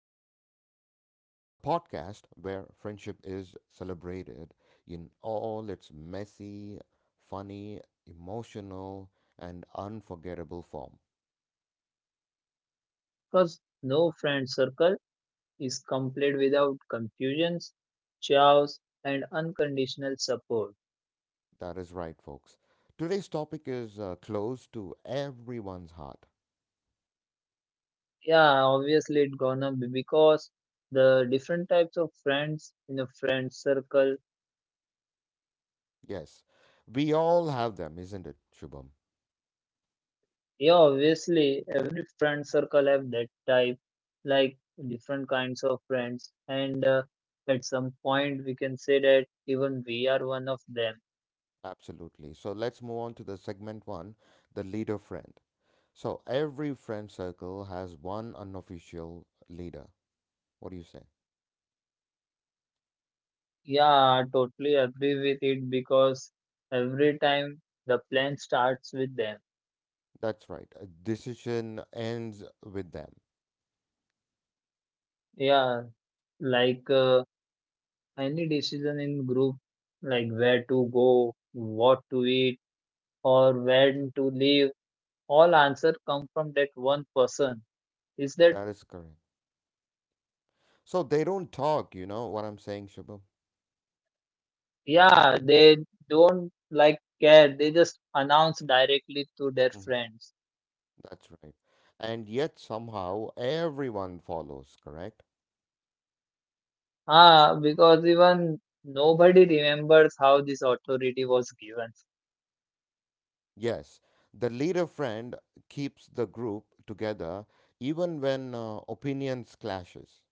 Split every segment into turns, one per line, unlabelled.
Difference, the podcast where friendship is celebrated in all its messy, funny, emotional, and unforgettable form.
Because no friend circle is complete without confusions, chaos, and unconditional support.
That is right, folks. Today's topic is close to everyone's heart.
Yeah, obviously it's gonna be because the different types of friends in a friend circle.
Yes, we all have them, isn't it, Shubham?
Yeah, obviously every friend circle have that type, like different kinds of friends, and at some point we can say that even we are one of them.
Absolutely. So let's move on to the segment one, the leader friend. So every friend circle has one unofficial leader. What do you say?
Yeah, I totally agree with it because every time the plan starts with them.
That's right. A decision ends with them.
Yeah, like uh, any decision in group, like where to go, what to eat, or when to leave, all answer come from that one person. Is that
That is correct. So they don't talk, you know what I'm saying, Shubham?
Yeah, they don't like care. They just announce directly to their
Mhm.
friends.
That's right. And yet somehow everyone follows, correct?
Because even nobody remembers how this authority was given.
Yes. The leader friend keeps the group together even when opinions clashes.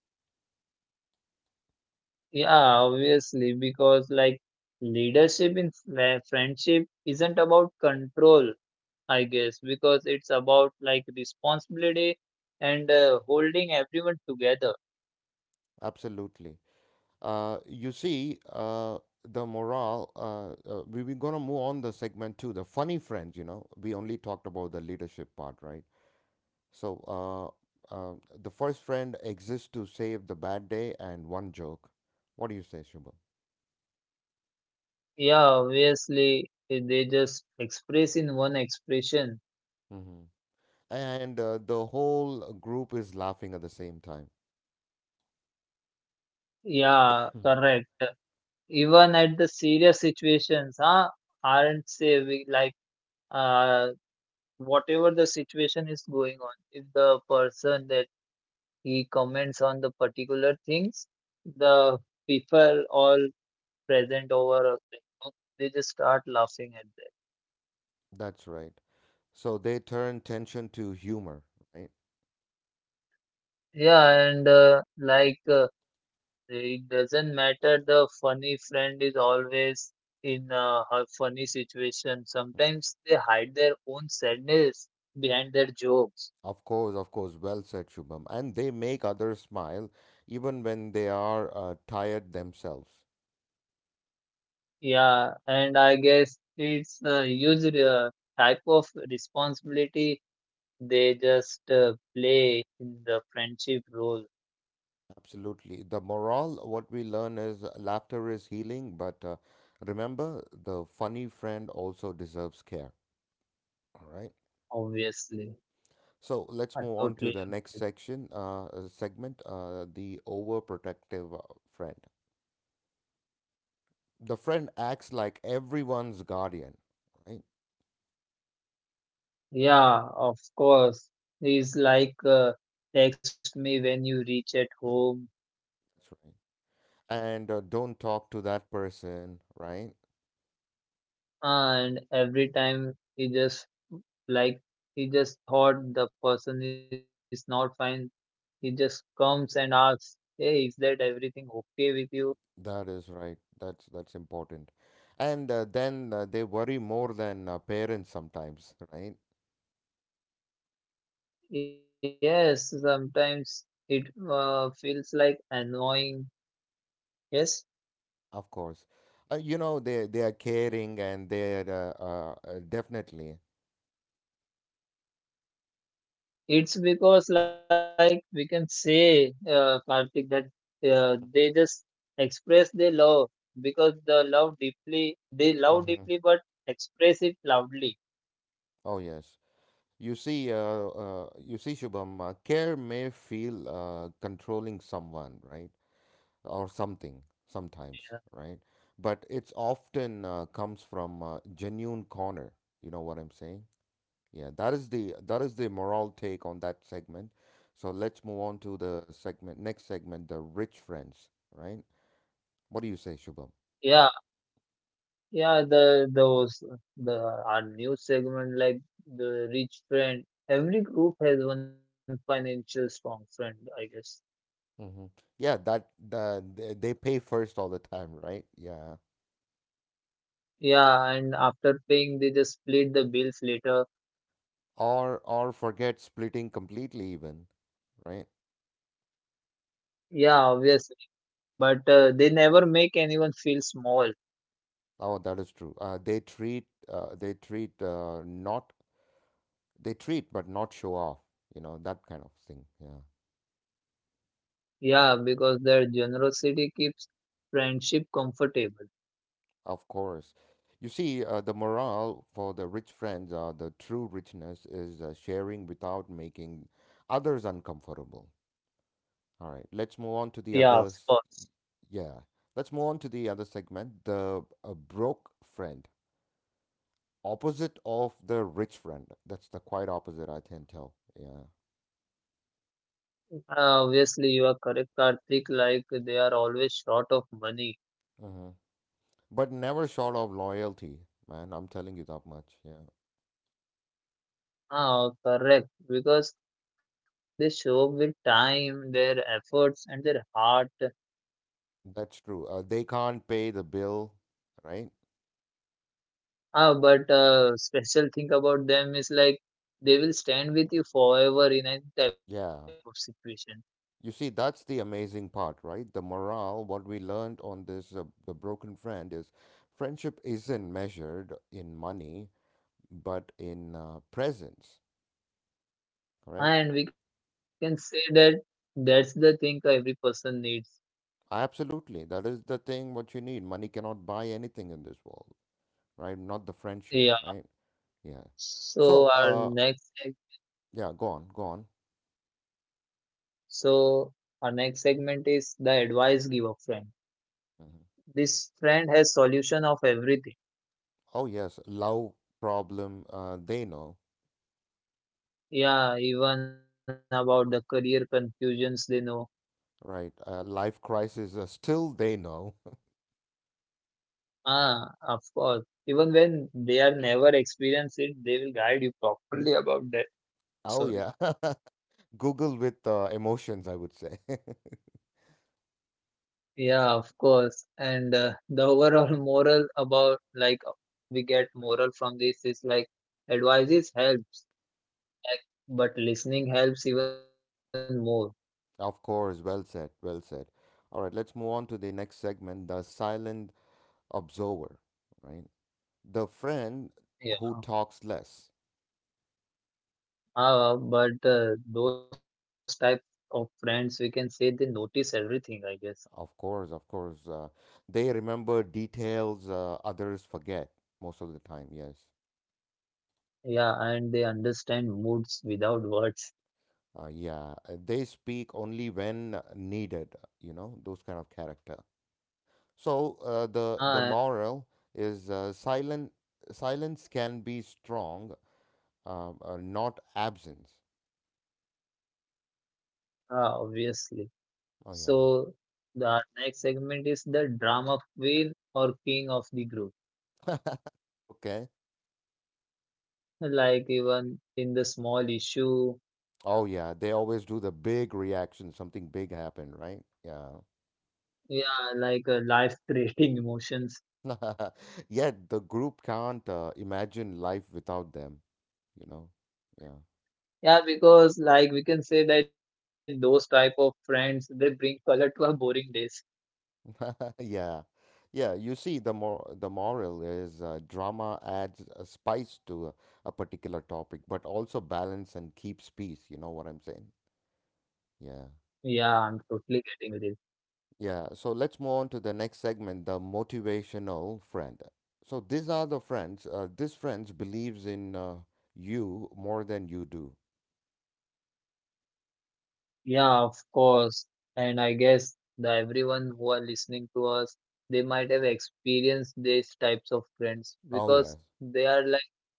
Yeah, obviously, because like leadership in friendship isn't about control, I guess, because it's about like responsibility and holding everyone together.
Absolutely. You see, the morale, we're going to move on the segment two, the funny friends, you know. We only talked about the leadership part, right? So, uh, the first friend exists to save the bad day and one joke. What do you say, Shubham?
Yeah, obviously, they just express in one expression.
hmm And the whole group is laughing at the same time.
Yeah, correct. Even at the serious situations, huh? Aren't say we like uh Whatever the situation is going on, if the person the he comments on the particular things, the people all present over, uh, they just start laughing at that.
That's right. So they turn tension to humor, right?
Yeah, and it doesn't matter, the funny friend is always in a funny situation. Sometimes they hide their own sadness behind their jokes.
Of course, of course. Well said, Shubham. And they make others smile even when they are tired themselves.
Yeah, and I guess it's a huge type of responsibility. They just play in the friendship role.
Absolutely. The moral, what we learn is laughter is healing, but remember, the funny friend also deserves care. All right.
Obviously,
So let's
I
move on to
totally
the next
agree.
section, segment, the overprotective friend. The friend acts like everyone's guardian, right?
Yeah, of course. He's like, text me when you reach at
Mhm.
home,
That's right. And don't talk to that person, right?
and every time he just like he just thought the person is not fine. He just comes and asks, "Hey, is that everything okay with you?"
That is right. That's important. And then they worry more than parents sometimes, right?
Yes, sometimes it feels like annoying. Yes,
Of course. You know they are caring and they are definitely.
it's because, like we can say, Karthik, that they just express their love because the love deeply, they
hmm
love deeply, but express it loudly.
Oh yes. You see, Shubham, care may feel controlling someone, right? Or something sometimes, right? But it's often comes from a genuine corner. You know what I'm saying? Yeah, that is the moral take on that segment. So let's move on to the segment, next segment, the rich friends, right? What do you say, Shubham?
Yeah, yeah. The those the Our news segment, like the rich friend. Every group has one financial strong friend, I guess.
Mm-hmm. Yeah, that the they pay first all the time, right? Yeah.
Yeah, and after paying, they just split the bills later.
Or forget splitting completely even, right?
Yeah, obviously, but they never make anyone feel small.
Oh, that is true. They treat not they treat but not show off, you know, that kind of thing. Yeah.
Yeah, because their generosity keeps friendship comfortable.
Of course. You see, the morale for the rich friends, the true richness is sharing without making others uncomfortable. All right, let's move on
Yeah,
to
of
the
course.
others. Yeah, let's move on to the other segment, the broke friend, opposite of the rich friend. That's the quite opposite, I can tell. Yeah.
Uh, obviously, you are correct, Karthik. Like, they are always short of money.
hmm But never short of loyalty, man. I'm telling you that much. Yeah,
Ah, correct. Because they show up with time, their efforts, and their heart.
that's true. They can't pay the bill, right?
Ah, but special thing about them is like they will stand with you forever in any type of
Yeah,
situation.
you see, that's the amazing part, right? The morale, what we learned on this, the broken friend, is friendship isn't measured in money, but in presence, correct?
And we can say that that's the thing every person needs.
Absolutely. That is the thing what you need. Money cannot buy anything in this world, right? Not the friendship,
Yeah.
right? Yeah. So,
So our
uh,
next seg-
yeah, go on, go on.
so our next segment is the advice giver friend.
hmm
This friend has solution of everything.
Oh, yes, love problem, they know,
Yeah, even about the career confusions they know.
right? Life crisis, still they know.
Ah, of course. Even when they are never experienced it, they will guide you properly about that.
Oh,
Sorry.
yeah. Google with emotions, I would say.
Yeah, of course. And the overall moral about like we get moral from this is like advices help. Like, but listening helps even more.
Of course, well said, well said. All right, let's move on to the next segment, the silent observer, right? The friend
Yeah.
who talks less.
But those type of friends, we can say they notice everything, I guess.
Of course, of course. They remember details others forget most of the time, yes.
Yeah, and they understand moods without words.
Yeah, they speak only when needed, you know, those kind of character. So
Ah,
the moral is silent silence can be strong not absence.
Obviously.
Oh
So
yeah.
the next segment is the drama queen or king of the group.
Okay.
Like even in the small issue,
Oh yeah, they always do the big reaction. Something big happened, right? Yeah.
yeah, like life creating emotions.
Yet the group can't imagine life without them. You know. Yeah.
Yeah, because like we can say that those type of friends they bring color to our boring days.
Yeah. Yeah. You see, the moral is drama adds a spice to a particular topic, but also balance and keeps peace. You know what I'm saying? Yeah.
Yeah, I'm totally getting with it.
Yeah, so let's move on to the next segment, the motivational friend. So these are the friends. This friends believes in you more than you do.
Yeah, of course. And I guess the everyone who are listening to us, they might have experienced these types of friends
Oh yes,
because they are like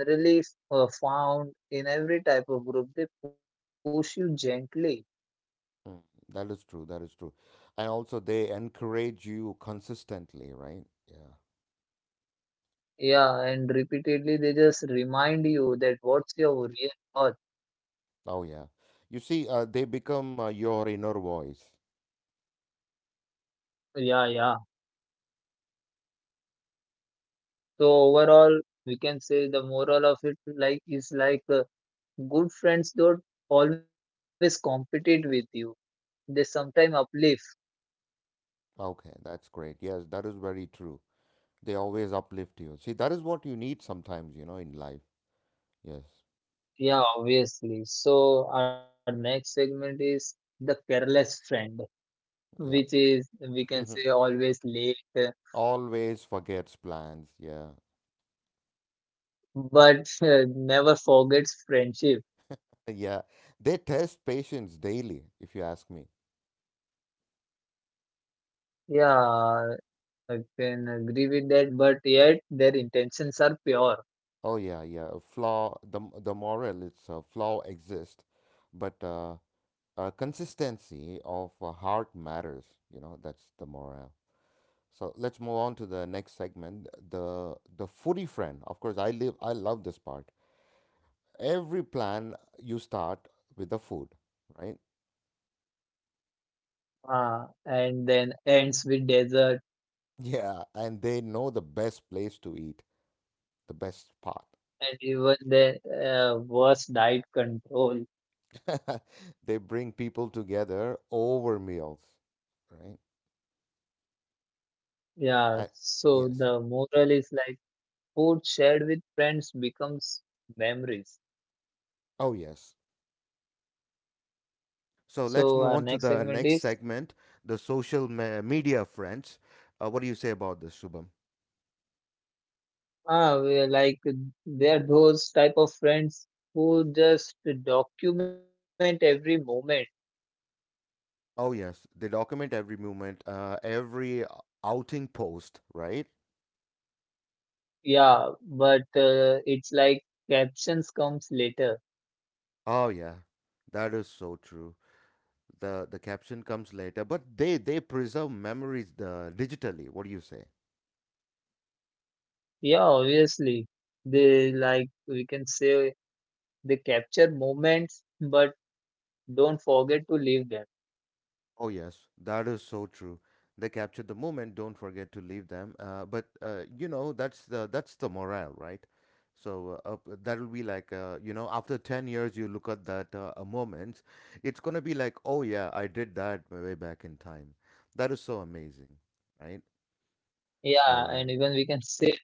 generally found in every type of group. They push you gently.
mm, that is true. That is true, and also they encourage you consistently, right? Yeah.
Yeah, and repeatedly they just remind you that what's your real worth.
Oh yeah. You see, they become your inner voice.
Yeah, yeah. So overall, we can say the moral of it like is like good friends don't always compete with you. They sometimes uplift.
Okay, that's great. Yes, that is very true. They always uplift you. See, that is what you need sometimes, you know, in life. Yes.
Yeah, obviously. So our next segment is the careless friend, which
Yeah.
is we can say always late,
Always forgets plans. Yeah.
but never forgets friendship.
Yeah. They test patience daily, if you ask me.
Yeah, I can agree with that. But yet their intentions are pure.
Oh yeah, yeah. A flaw, the moral, it's a flaw exists, but consistency of a heart matters, you know, that's the moral. So let's move on to the next segment, the foodie friend. Of course, I love this part. Every plan you start with the food, right?
Ah, and then ends with desert
Yeah, and they know the best place to eat, the best spot.
and even the worst diet control.
They bring people together over meals, right?
Yeah,
I,
so the
yes.
moral is like food shared with friends becomes memories.
Oh, yes.
So
So
our
let's
next
move on to
segment
the
is
next segment, the social media friends. What do you say about this, Shubham?
ah, we're like there are those type of friends who just document every moment.
Oh, yes. They document every movement, every outing post, right?
Yeah, but it's like captions comes later.
Oh, yeah. That is so true. The caption comes later, but they preserve memories digitally. What do you say?
Yeah, obviously they like we can say they capture moments but don't forget to leave them.
Oh, yes, that is so true. They capture the moment. Don't forget to leave them. But you know, that's the morale, right? So that'll be like you know, after 10 years, you look at that moments. It's gonna be like, oh yeah, I did that way back in time. That is so amazing, right?
Yeah, and
All
even
right.
we can say that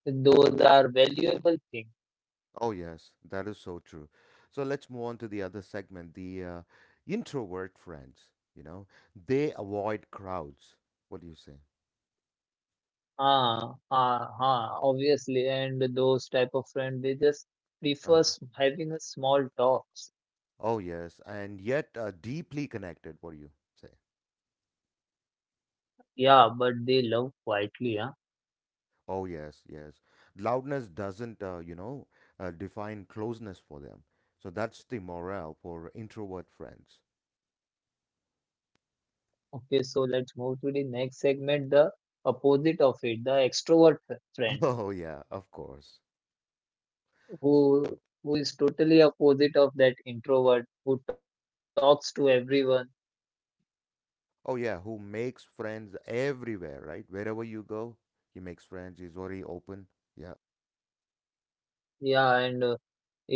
those are valuable things.
Oh yes, that is so true. So let's move on to the other segment, the introvert friends. You know, they avoid crowds. What do you say?
Obviously. And those type of friends, they just prefer
Uh-huh.
having a small talks.
Oh, yes, and yet deeply connected, what do you say?
Yeah, but they love quietly, huh?
Oh, yes, yes. Loudness doesn't, you know, define closeness for them. So that's the morale for introvert friends.
Okay, so let's move to the next segment, the opposite of it, the extrovert friend
Oh, yeah, of course. S-
who who is totally opposite of that introvert who talks to everyone.
Oh, yeah, who makes friends everywhere, right? Wherever you go, he makes friends. He's very open. Yeah.
Yeah, and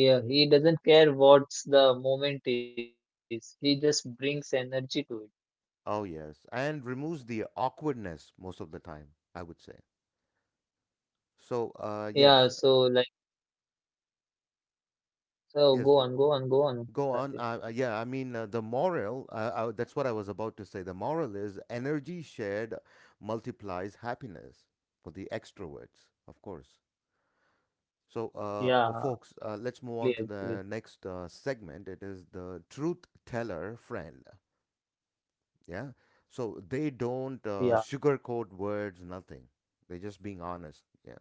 yeah, he doesn't care what's the moment is. He just brings energy to it.
Oh, yes. And removes the awkwardness most of the time, I would say.
Yeah,
Yes,
so like,
yes.
go on, go
Go
on.
on.
Karthik.
Yeah, I mean, the moral, that's what I was about to say. The moral is energy shared multiplies happiness for the extroverts, of course. So,
Yeah,
folks, let's move on to
play
the
with.
next segment. It is the truth teller friend. Yeah. So they don't
Yeah,
sugarcoat words, nothing. They're just being honest. Yeah.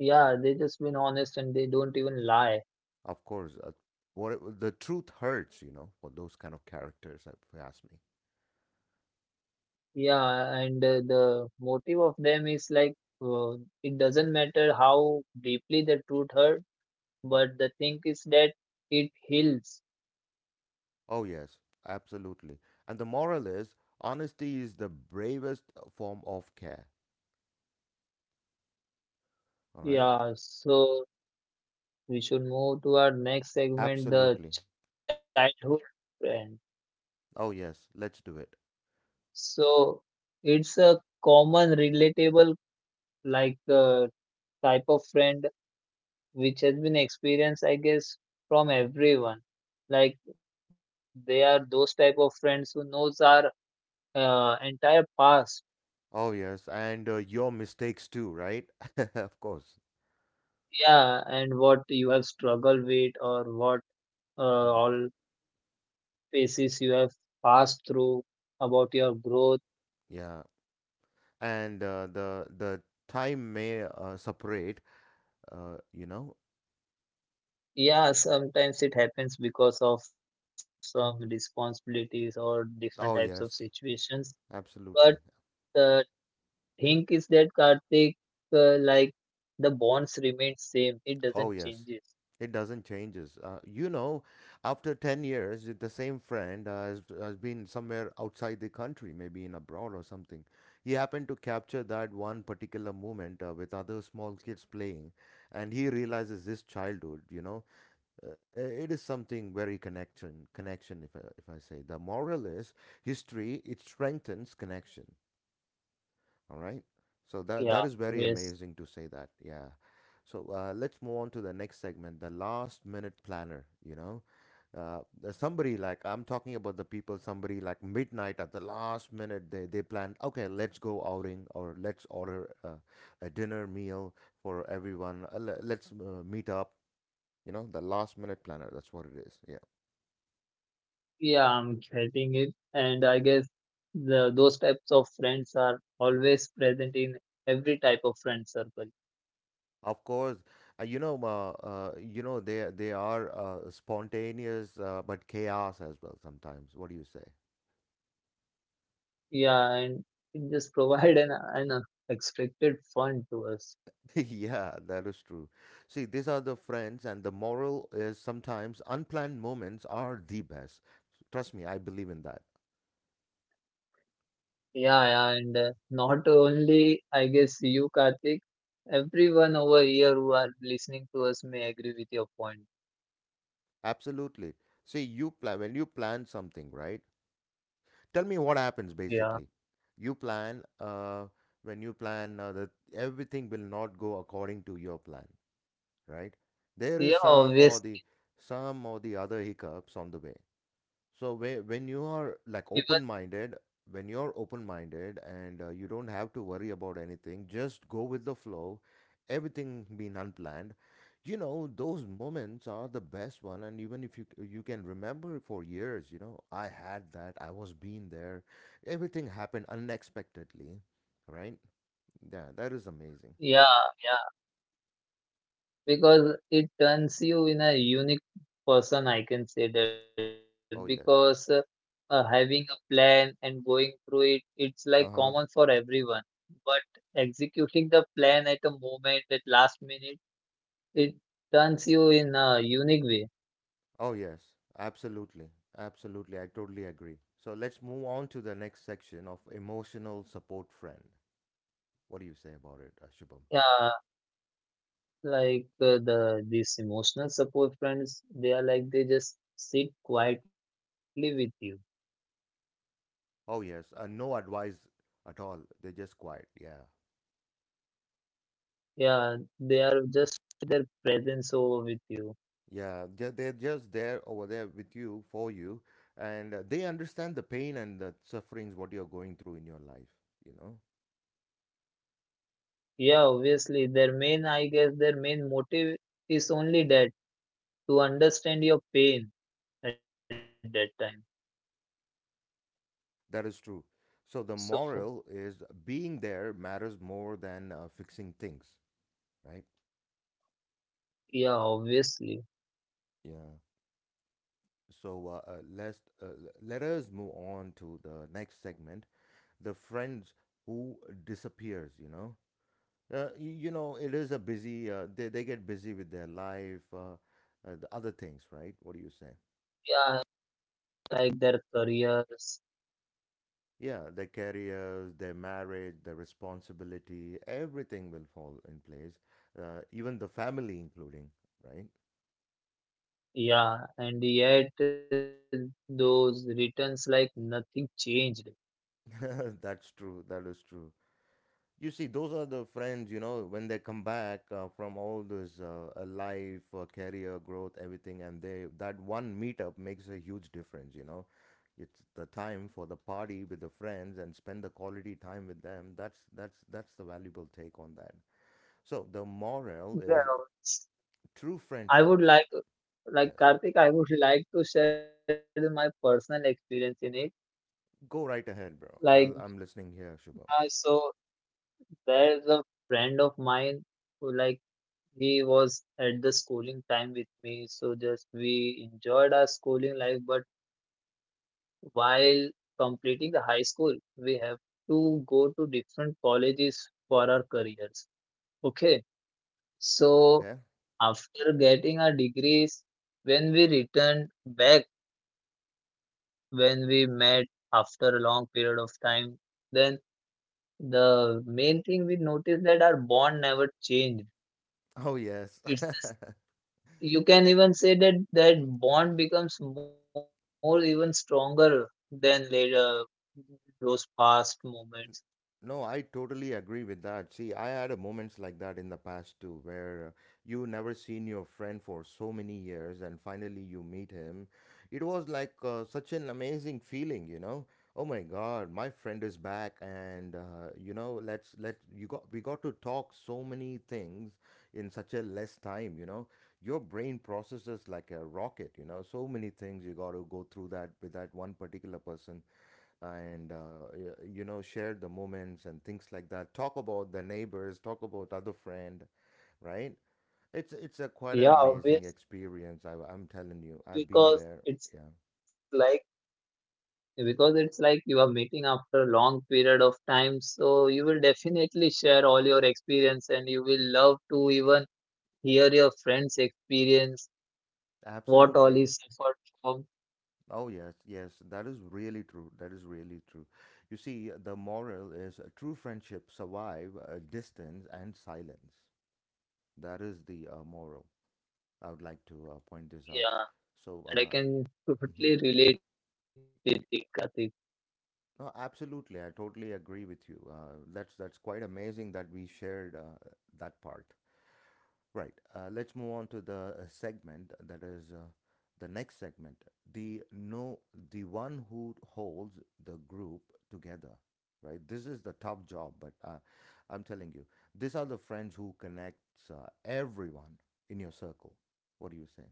yeah, they just been honest and they don't even lie.
Of course. What, the truth hurts, you know, for those kind of characters, if you ask me.
Yeah, and the motive of them is like, uh, it doesn't matter how deeply the truth hurt, but the thing is that it heals.
Oh, yes, absolutely. And the moral is honesty is the bravest form of care. All right.
Yeah, so we should move to our next segment, the
Absolutely.
childhood friend.
Oh, yes, let's do it.
So it's a common, relatable, like type of friend which has been experienced, I guess, from everyone. Like they are those type of friends who knows our entire past,
Oh, yes. And your mistakes too, right? Of course.
yeah, and what you have struggled with or what uh,
Mm,
all phases you have passed through about your growth.
yeah. And the time may separate, you know.
Yeah, sometimes it happens because of some responsibilities or different types of
Oh, yes,
situations. But
absolutely.
the thing is that Karthik, uh, like the bonds remain same. It
Oh,
doesn't
yes.
changes.
It doesn't changes. You know, after 10 years, if the same friend has been somewhere outside the country, maybe in abroad or something. He happened to capture that one particular moment with other small kids playing, and he realizes his childhood, you know. It is something very connection, connection, if I say. The moral is history, it strengthens connection. All right. So
Yeah,
that that is very
yes.
amazing to say that. Yeah. So let's move on to the next segment, the last minute planner. You know, there's somebody like I'm talking about the people. Somebody like midnight at the last minute, they plan. Okay, let's go outing or let's order a dinner meal for everyone. Let's meet up. You know, the last minute planner. That's what it is. Yeah.
Yeah, I'm getting it. And I guess the those types of friends are always present in every type of friend circle.
Of course, you know, they are spontaneous, but chaos as well sometimes. What do you say?
Yeah, and it just provide an unexpected fun to us.
Yeah, that is true. See, these are the friends, and the moral is sometimes unplanned moments are the best. Trust me, I believe in that.
Yeah, yeah, and not only, I guess, you, Karthik, everyone over here who are listening to us may agree with your point.
Absolutely. See, you plan when you plan something, right? Tell me what happens
Yeah.
basically. You plan, when you plan, that everything will not go according to your plan, right? There is
Yeah, obvious.
some or the other hiccups on the way. So when you are
Even,
like open-minded, when you're open-minded and you don't have to worry about anything, just go with the flow. Everything being unplanned, you know, those moments are the best one. And even if you can remember for years, you know, I had that. I was being there. Everything happened unexpectedly, right? Yeah, that is amazing.
yeah, yeah, because it turns you in a unique person, I can say that, because uh,
Oh yes.
uh, having a plan and going through it, it's like common for
Uh-huh.
everyone. But executing the plan at a moment, at last minute, it turns you in a unique way.
Oh, yes, absolutely. Absolutely, I totally agree. So let's move on to the next section of emotional support friend. What do you say about it, Shubham?
Yeah, like the these emotional support friends, they are like they just sit quietly with you.
Oh, yes, no advice at all. They're just quiet. Yeah.
Yeah, they are just their presence over with you.
Yeah. They're just there over there with you, for you, and they understand the pain and the sufferings what you're going through in your life. You know,
Yeah, obviously their main, I guess their main motive is only that to understand your pain at that time.
that is true. So the
So
moral is being there matters more than fixing things, right?
yeah, obviously,
Yeah. So let's let us move on to the next segment, the friends who disappears. You know, you know it is a busy. They get busy with their life, the other things, right? What do you say?
yeah, like their careers.
Yeah, their careers, their marriage, their responsibility, everything will fall in place. Even the family, including, right?
Yeah, and yet those returns like nothing changed.
That's true. That is true. You see, those are the friends, you know, when they come back from all this life, career growth, everything, and they that one meetup makes a huge difference, you know. It's the time for the party with the friends and spend the quality time with them. That's the valuable take on that. So the moral
Yeah,
is true
I would
friendships.
like
Yes.
Karthik, I would like to share my personal experience in it.
Go right ahead,
Like,
bro. I'm listening here,
uh,
Shubham.
so there's a friend of mine who like he was at the schooling time with me. So just we enjoyed our schooling life, but while completing the high school, we have to go to different colleges for our careers. Okay, so
Okay?
after getting our degrees, when we returned back when we met after a long period of time, then the main thing we noticed that our bond never changed.
Oh, yes.
It's this- you can even say that that bond becomes more even stronger than later those past moments.
No, I totally agree with that. See, I had a moments like that in the past too, where you never seen your friend for so many years and finally you meet him. It was like such an amazing feeling, you know. Oh my God, my friend is back, and you know, let's let you got we got to talk so many things in such a less time, you know. Your brain processes like a rocket, you know. So many things you got to go through that with that one particular person and you know share the moments and things like that, talk about the neighbors, talk about other friend, right? It's a quite
Yeah,
an amazing
obvious
experience. I'm telling you, I've been
because
there.
it's
Yeah,
like you are meeting after a long period of time, so you will definitely share all your experience and you will love to even hear your friends experience what all
absolutely.
is suffered from.
Oh yes, yes, that is really true. That is really true. You see, the moral is true friendship survive distance and silence. That is the moral I would like to point this
Yeah,
out. So
and I can
mhm.
totally relate with it, Karthik.
No, absolutely. I totally agree with you. That's quite amazing that we shared that part. Right. Let's move on to the segment, that is the next segment. The no, the one who holds the group together. Right. This is the tough job, but I'm telling you, these are the friends who connects everyone in your circle. What do you say?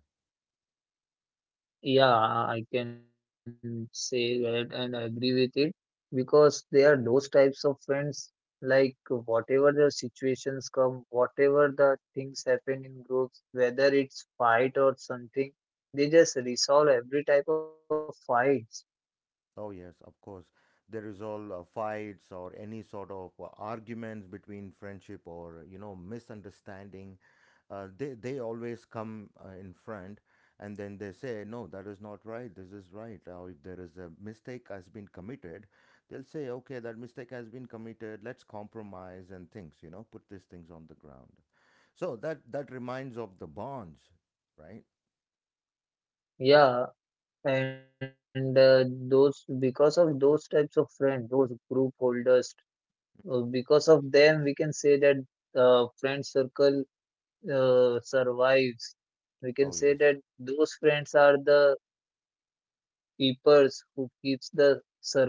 Yeah, I can say that and I agree with it because there are those types of friends, like whatever the situations come, whatever the things happen in groups, whether it's fight or something, they just resolve every type of fights.
Oh, yes, of course. There is all fights or any sort of arguments between friendship or, you know, misunderstanding. They always come in front and then they say, no, that is not right. This is right. Or if there is a mistake has been committed, they'll say, okay, that mistake has been committed. Let's compromise and things, you know, put these things on the ground. So that reminds of the bonds, right?
Yeah, and those, because of those types of friends, those group holders, because of them, we can say that friend circle survives. We can
Oh,
say
yes.
that those friends are the keepers who keeps the circle alive.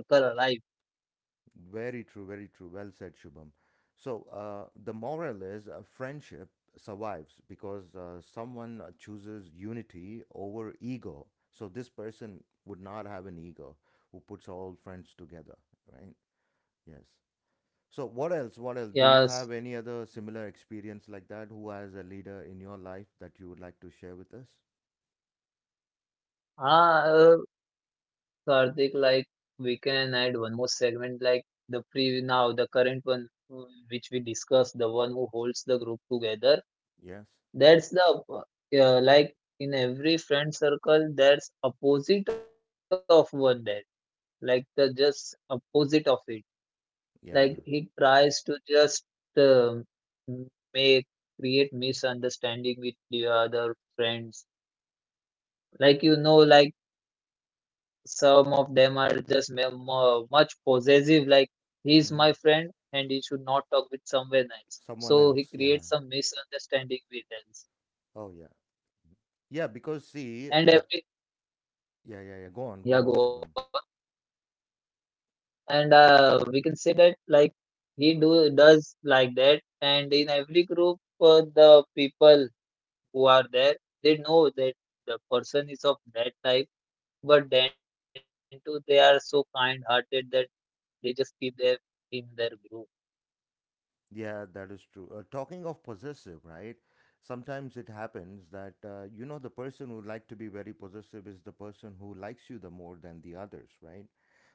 Very true, very true. Well said, Shubham. So, the moral is friendship survives because someone chooses unity over ego. So, this person would not have an ego who puts all friends together, right? Yes. So, what else? What else?
Yes.
Do you have any other similar experience like that? Who has a leader in your life that you would like to share with us?
Ah, uh, Karthik, like we can add one more segment, like the pre now the current one uh, which we discussed, the one who holds the group together.
Yes.
That's the like in every friend circle, that's opposite of one that like the just opposite of it. Like
Yeah.
he tries to just um make create misunderstanding with the other friends. Like you know, like some of them are just much possessive. Like he's my friend
Hmm.
and he should not talk with someone else. So he
Someone
creates
else.
some
Yeah.
misunderstanding with them.
Oh, yeah. Yeah, because see,
And
the
every
Yeah, yeah, yeah, go on, go
yeah,
on,
go
Shubham.
and we can say that like he do does like that and in every group the people who are there they know that the person is of that type but then too they are so kind hearted that they just keep them in their group,
Yeah, that is true. Talking of possessive, right? Sometimes it happens that you know the person who like to be very possessive is the person who likes you the more than the others, right?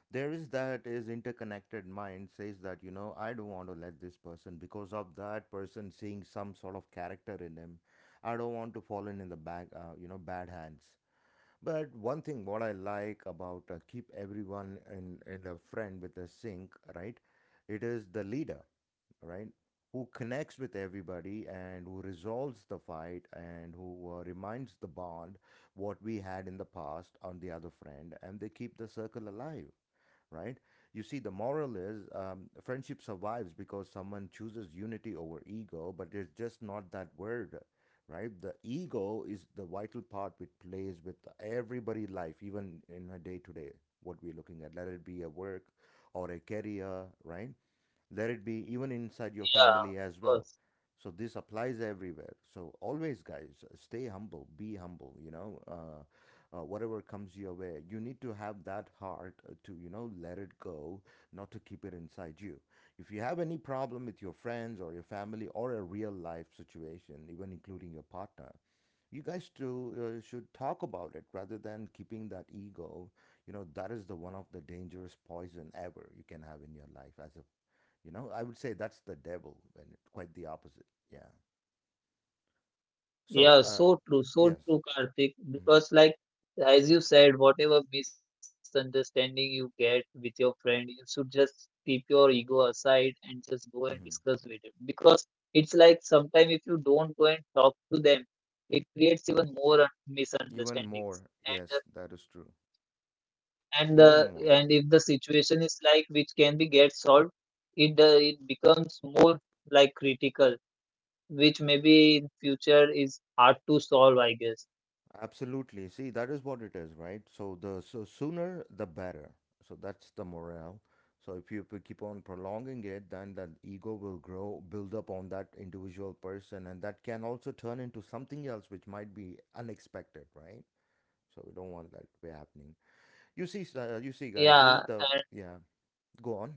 There is that is interconnected mind says that you know I don't want to let this person because of that person seeing some sort of character in him. I don't want to fall in the bag, you know, bad hands. But one thing what I like about keep everyone in a friend with a sync, right? It is the leader, right? Who connects with everybody and who resolves the fight and who reminds the bond what we had in the past on the other friend, and they keep the circle alive, right? You see, the moral is friendship survives because someone chooses unity over ego, but it's just not that word, right? The ego is the vital part which plays with everybody's life, even in a day to day, what we're looking at. Let it be a work or a career, right? Let it be even inside your
yeah
family as
of
well.
course.
So this applies everywhere. So always guys, stay humble, be humble, you know. Whatever comes your way, you need to have that heart to you know let it go, not to keep it inside you. If you have any problem with your friends or your family or a real life situation even including your partner, you guys too should talk about it rather than keeping that ego. You know, that is the one of the dangerous poison ever you can have in your life as a, you know, I would say that's the devil, and it- quite the opposite. Yeah.
Yeah,
So,
so
yes,
true, Karthik.
hmm,
Because, like, as you said, whatever misunderstanding you get with your friend, you should just keep your ego aside and just go
hmm,
and discuss with him. Because it's like sometimes if you don't go and talk to them, it creates even more
even more. Yes,
misunderstandings.
that is true.
And uh, and uh,
Even more.
and if the situation is like which can be get solved, it becomes more like critical which maybe in future is hard to solve, I guess.
Absolutely. See, that is what it is, right? So the so sooner the better. So that's the morale. So if you keep on prolonging it, then that ego will grow, build up on that individual person, and that can also turn into something else, which might be unexpected, right? So we don't want that to be happening. You see, you see, guys, this is
Yeah,
the
and
yeah. Go on.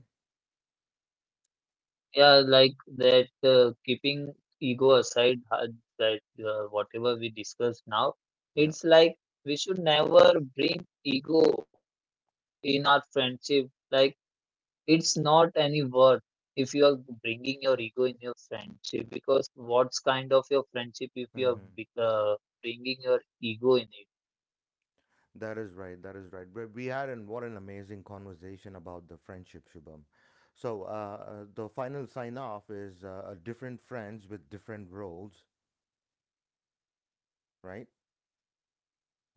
yeah, like that. Keeping ego aside, that whatever we discussed now,
Yeah.
it's like we should never bring ego in our friendship. Like it's not any worth if you are bringing your ego in your friendship because what's kind of your friendship if you are
Mm-hmm.
bringing your ego in it?
That is right. That is right. But we had an what an amazing conversation about the friendship, Shubham. So the final sign off is different friends with different roles, right?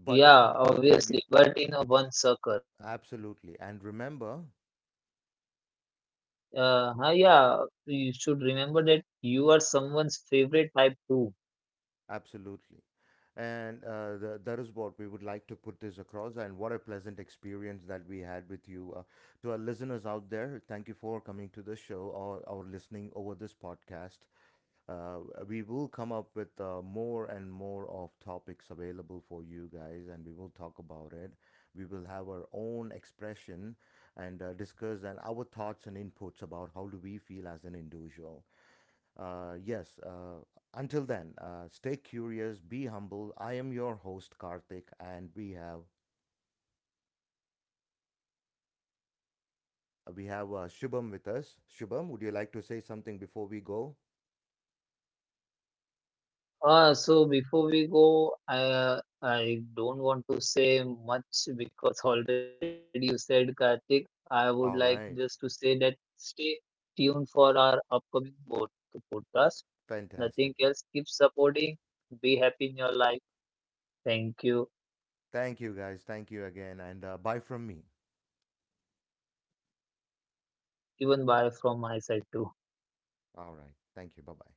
But
obviously,
yeah,
but in a one circle.
absolutely. And remember,
Yeah, you should remember that you are someone's favorite type too.
absolutely. And that is what we would like to put this across. And what a pleasant experience that we had with you. To our listeners out there, thank you for coming to the show or listening over this podcast. Uh, we will come up with more and more of topics available for you guys, and we will talk about it. We will have our own expression and discuss and our thoughts and inputs about how do we feel as an individual. Yes. Until then, stay curious, be humble. I am your host Karthik, and we have Shubham with us. Shubham, would you like to say something before we go?
So before we go, I don't want to say much because already you said Karthik. I would like
All
just to
right.
say that stay tuned for our upcoming podcast. Nothing
Fantastic.
else. Keep supporting. Be happy in your life. Thank you.
Thank you, guys. Thank you again, and bye from me.
Even bye from my side too.
All right. Thank you. Bye bye.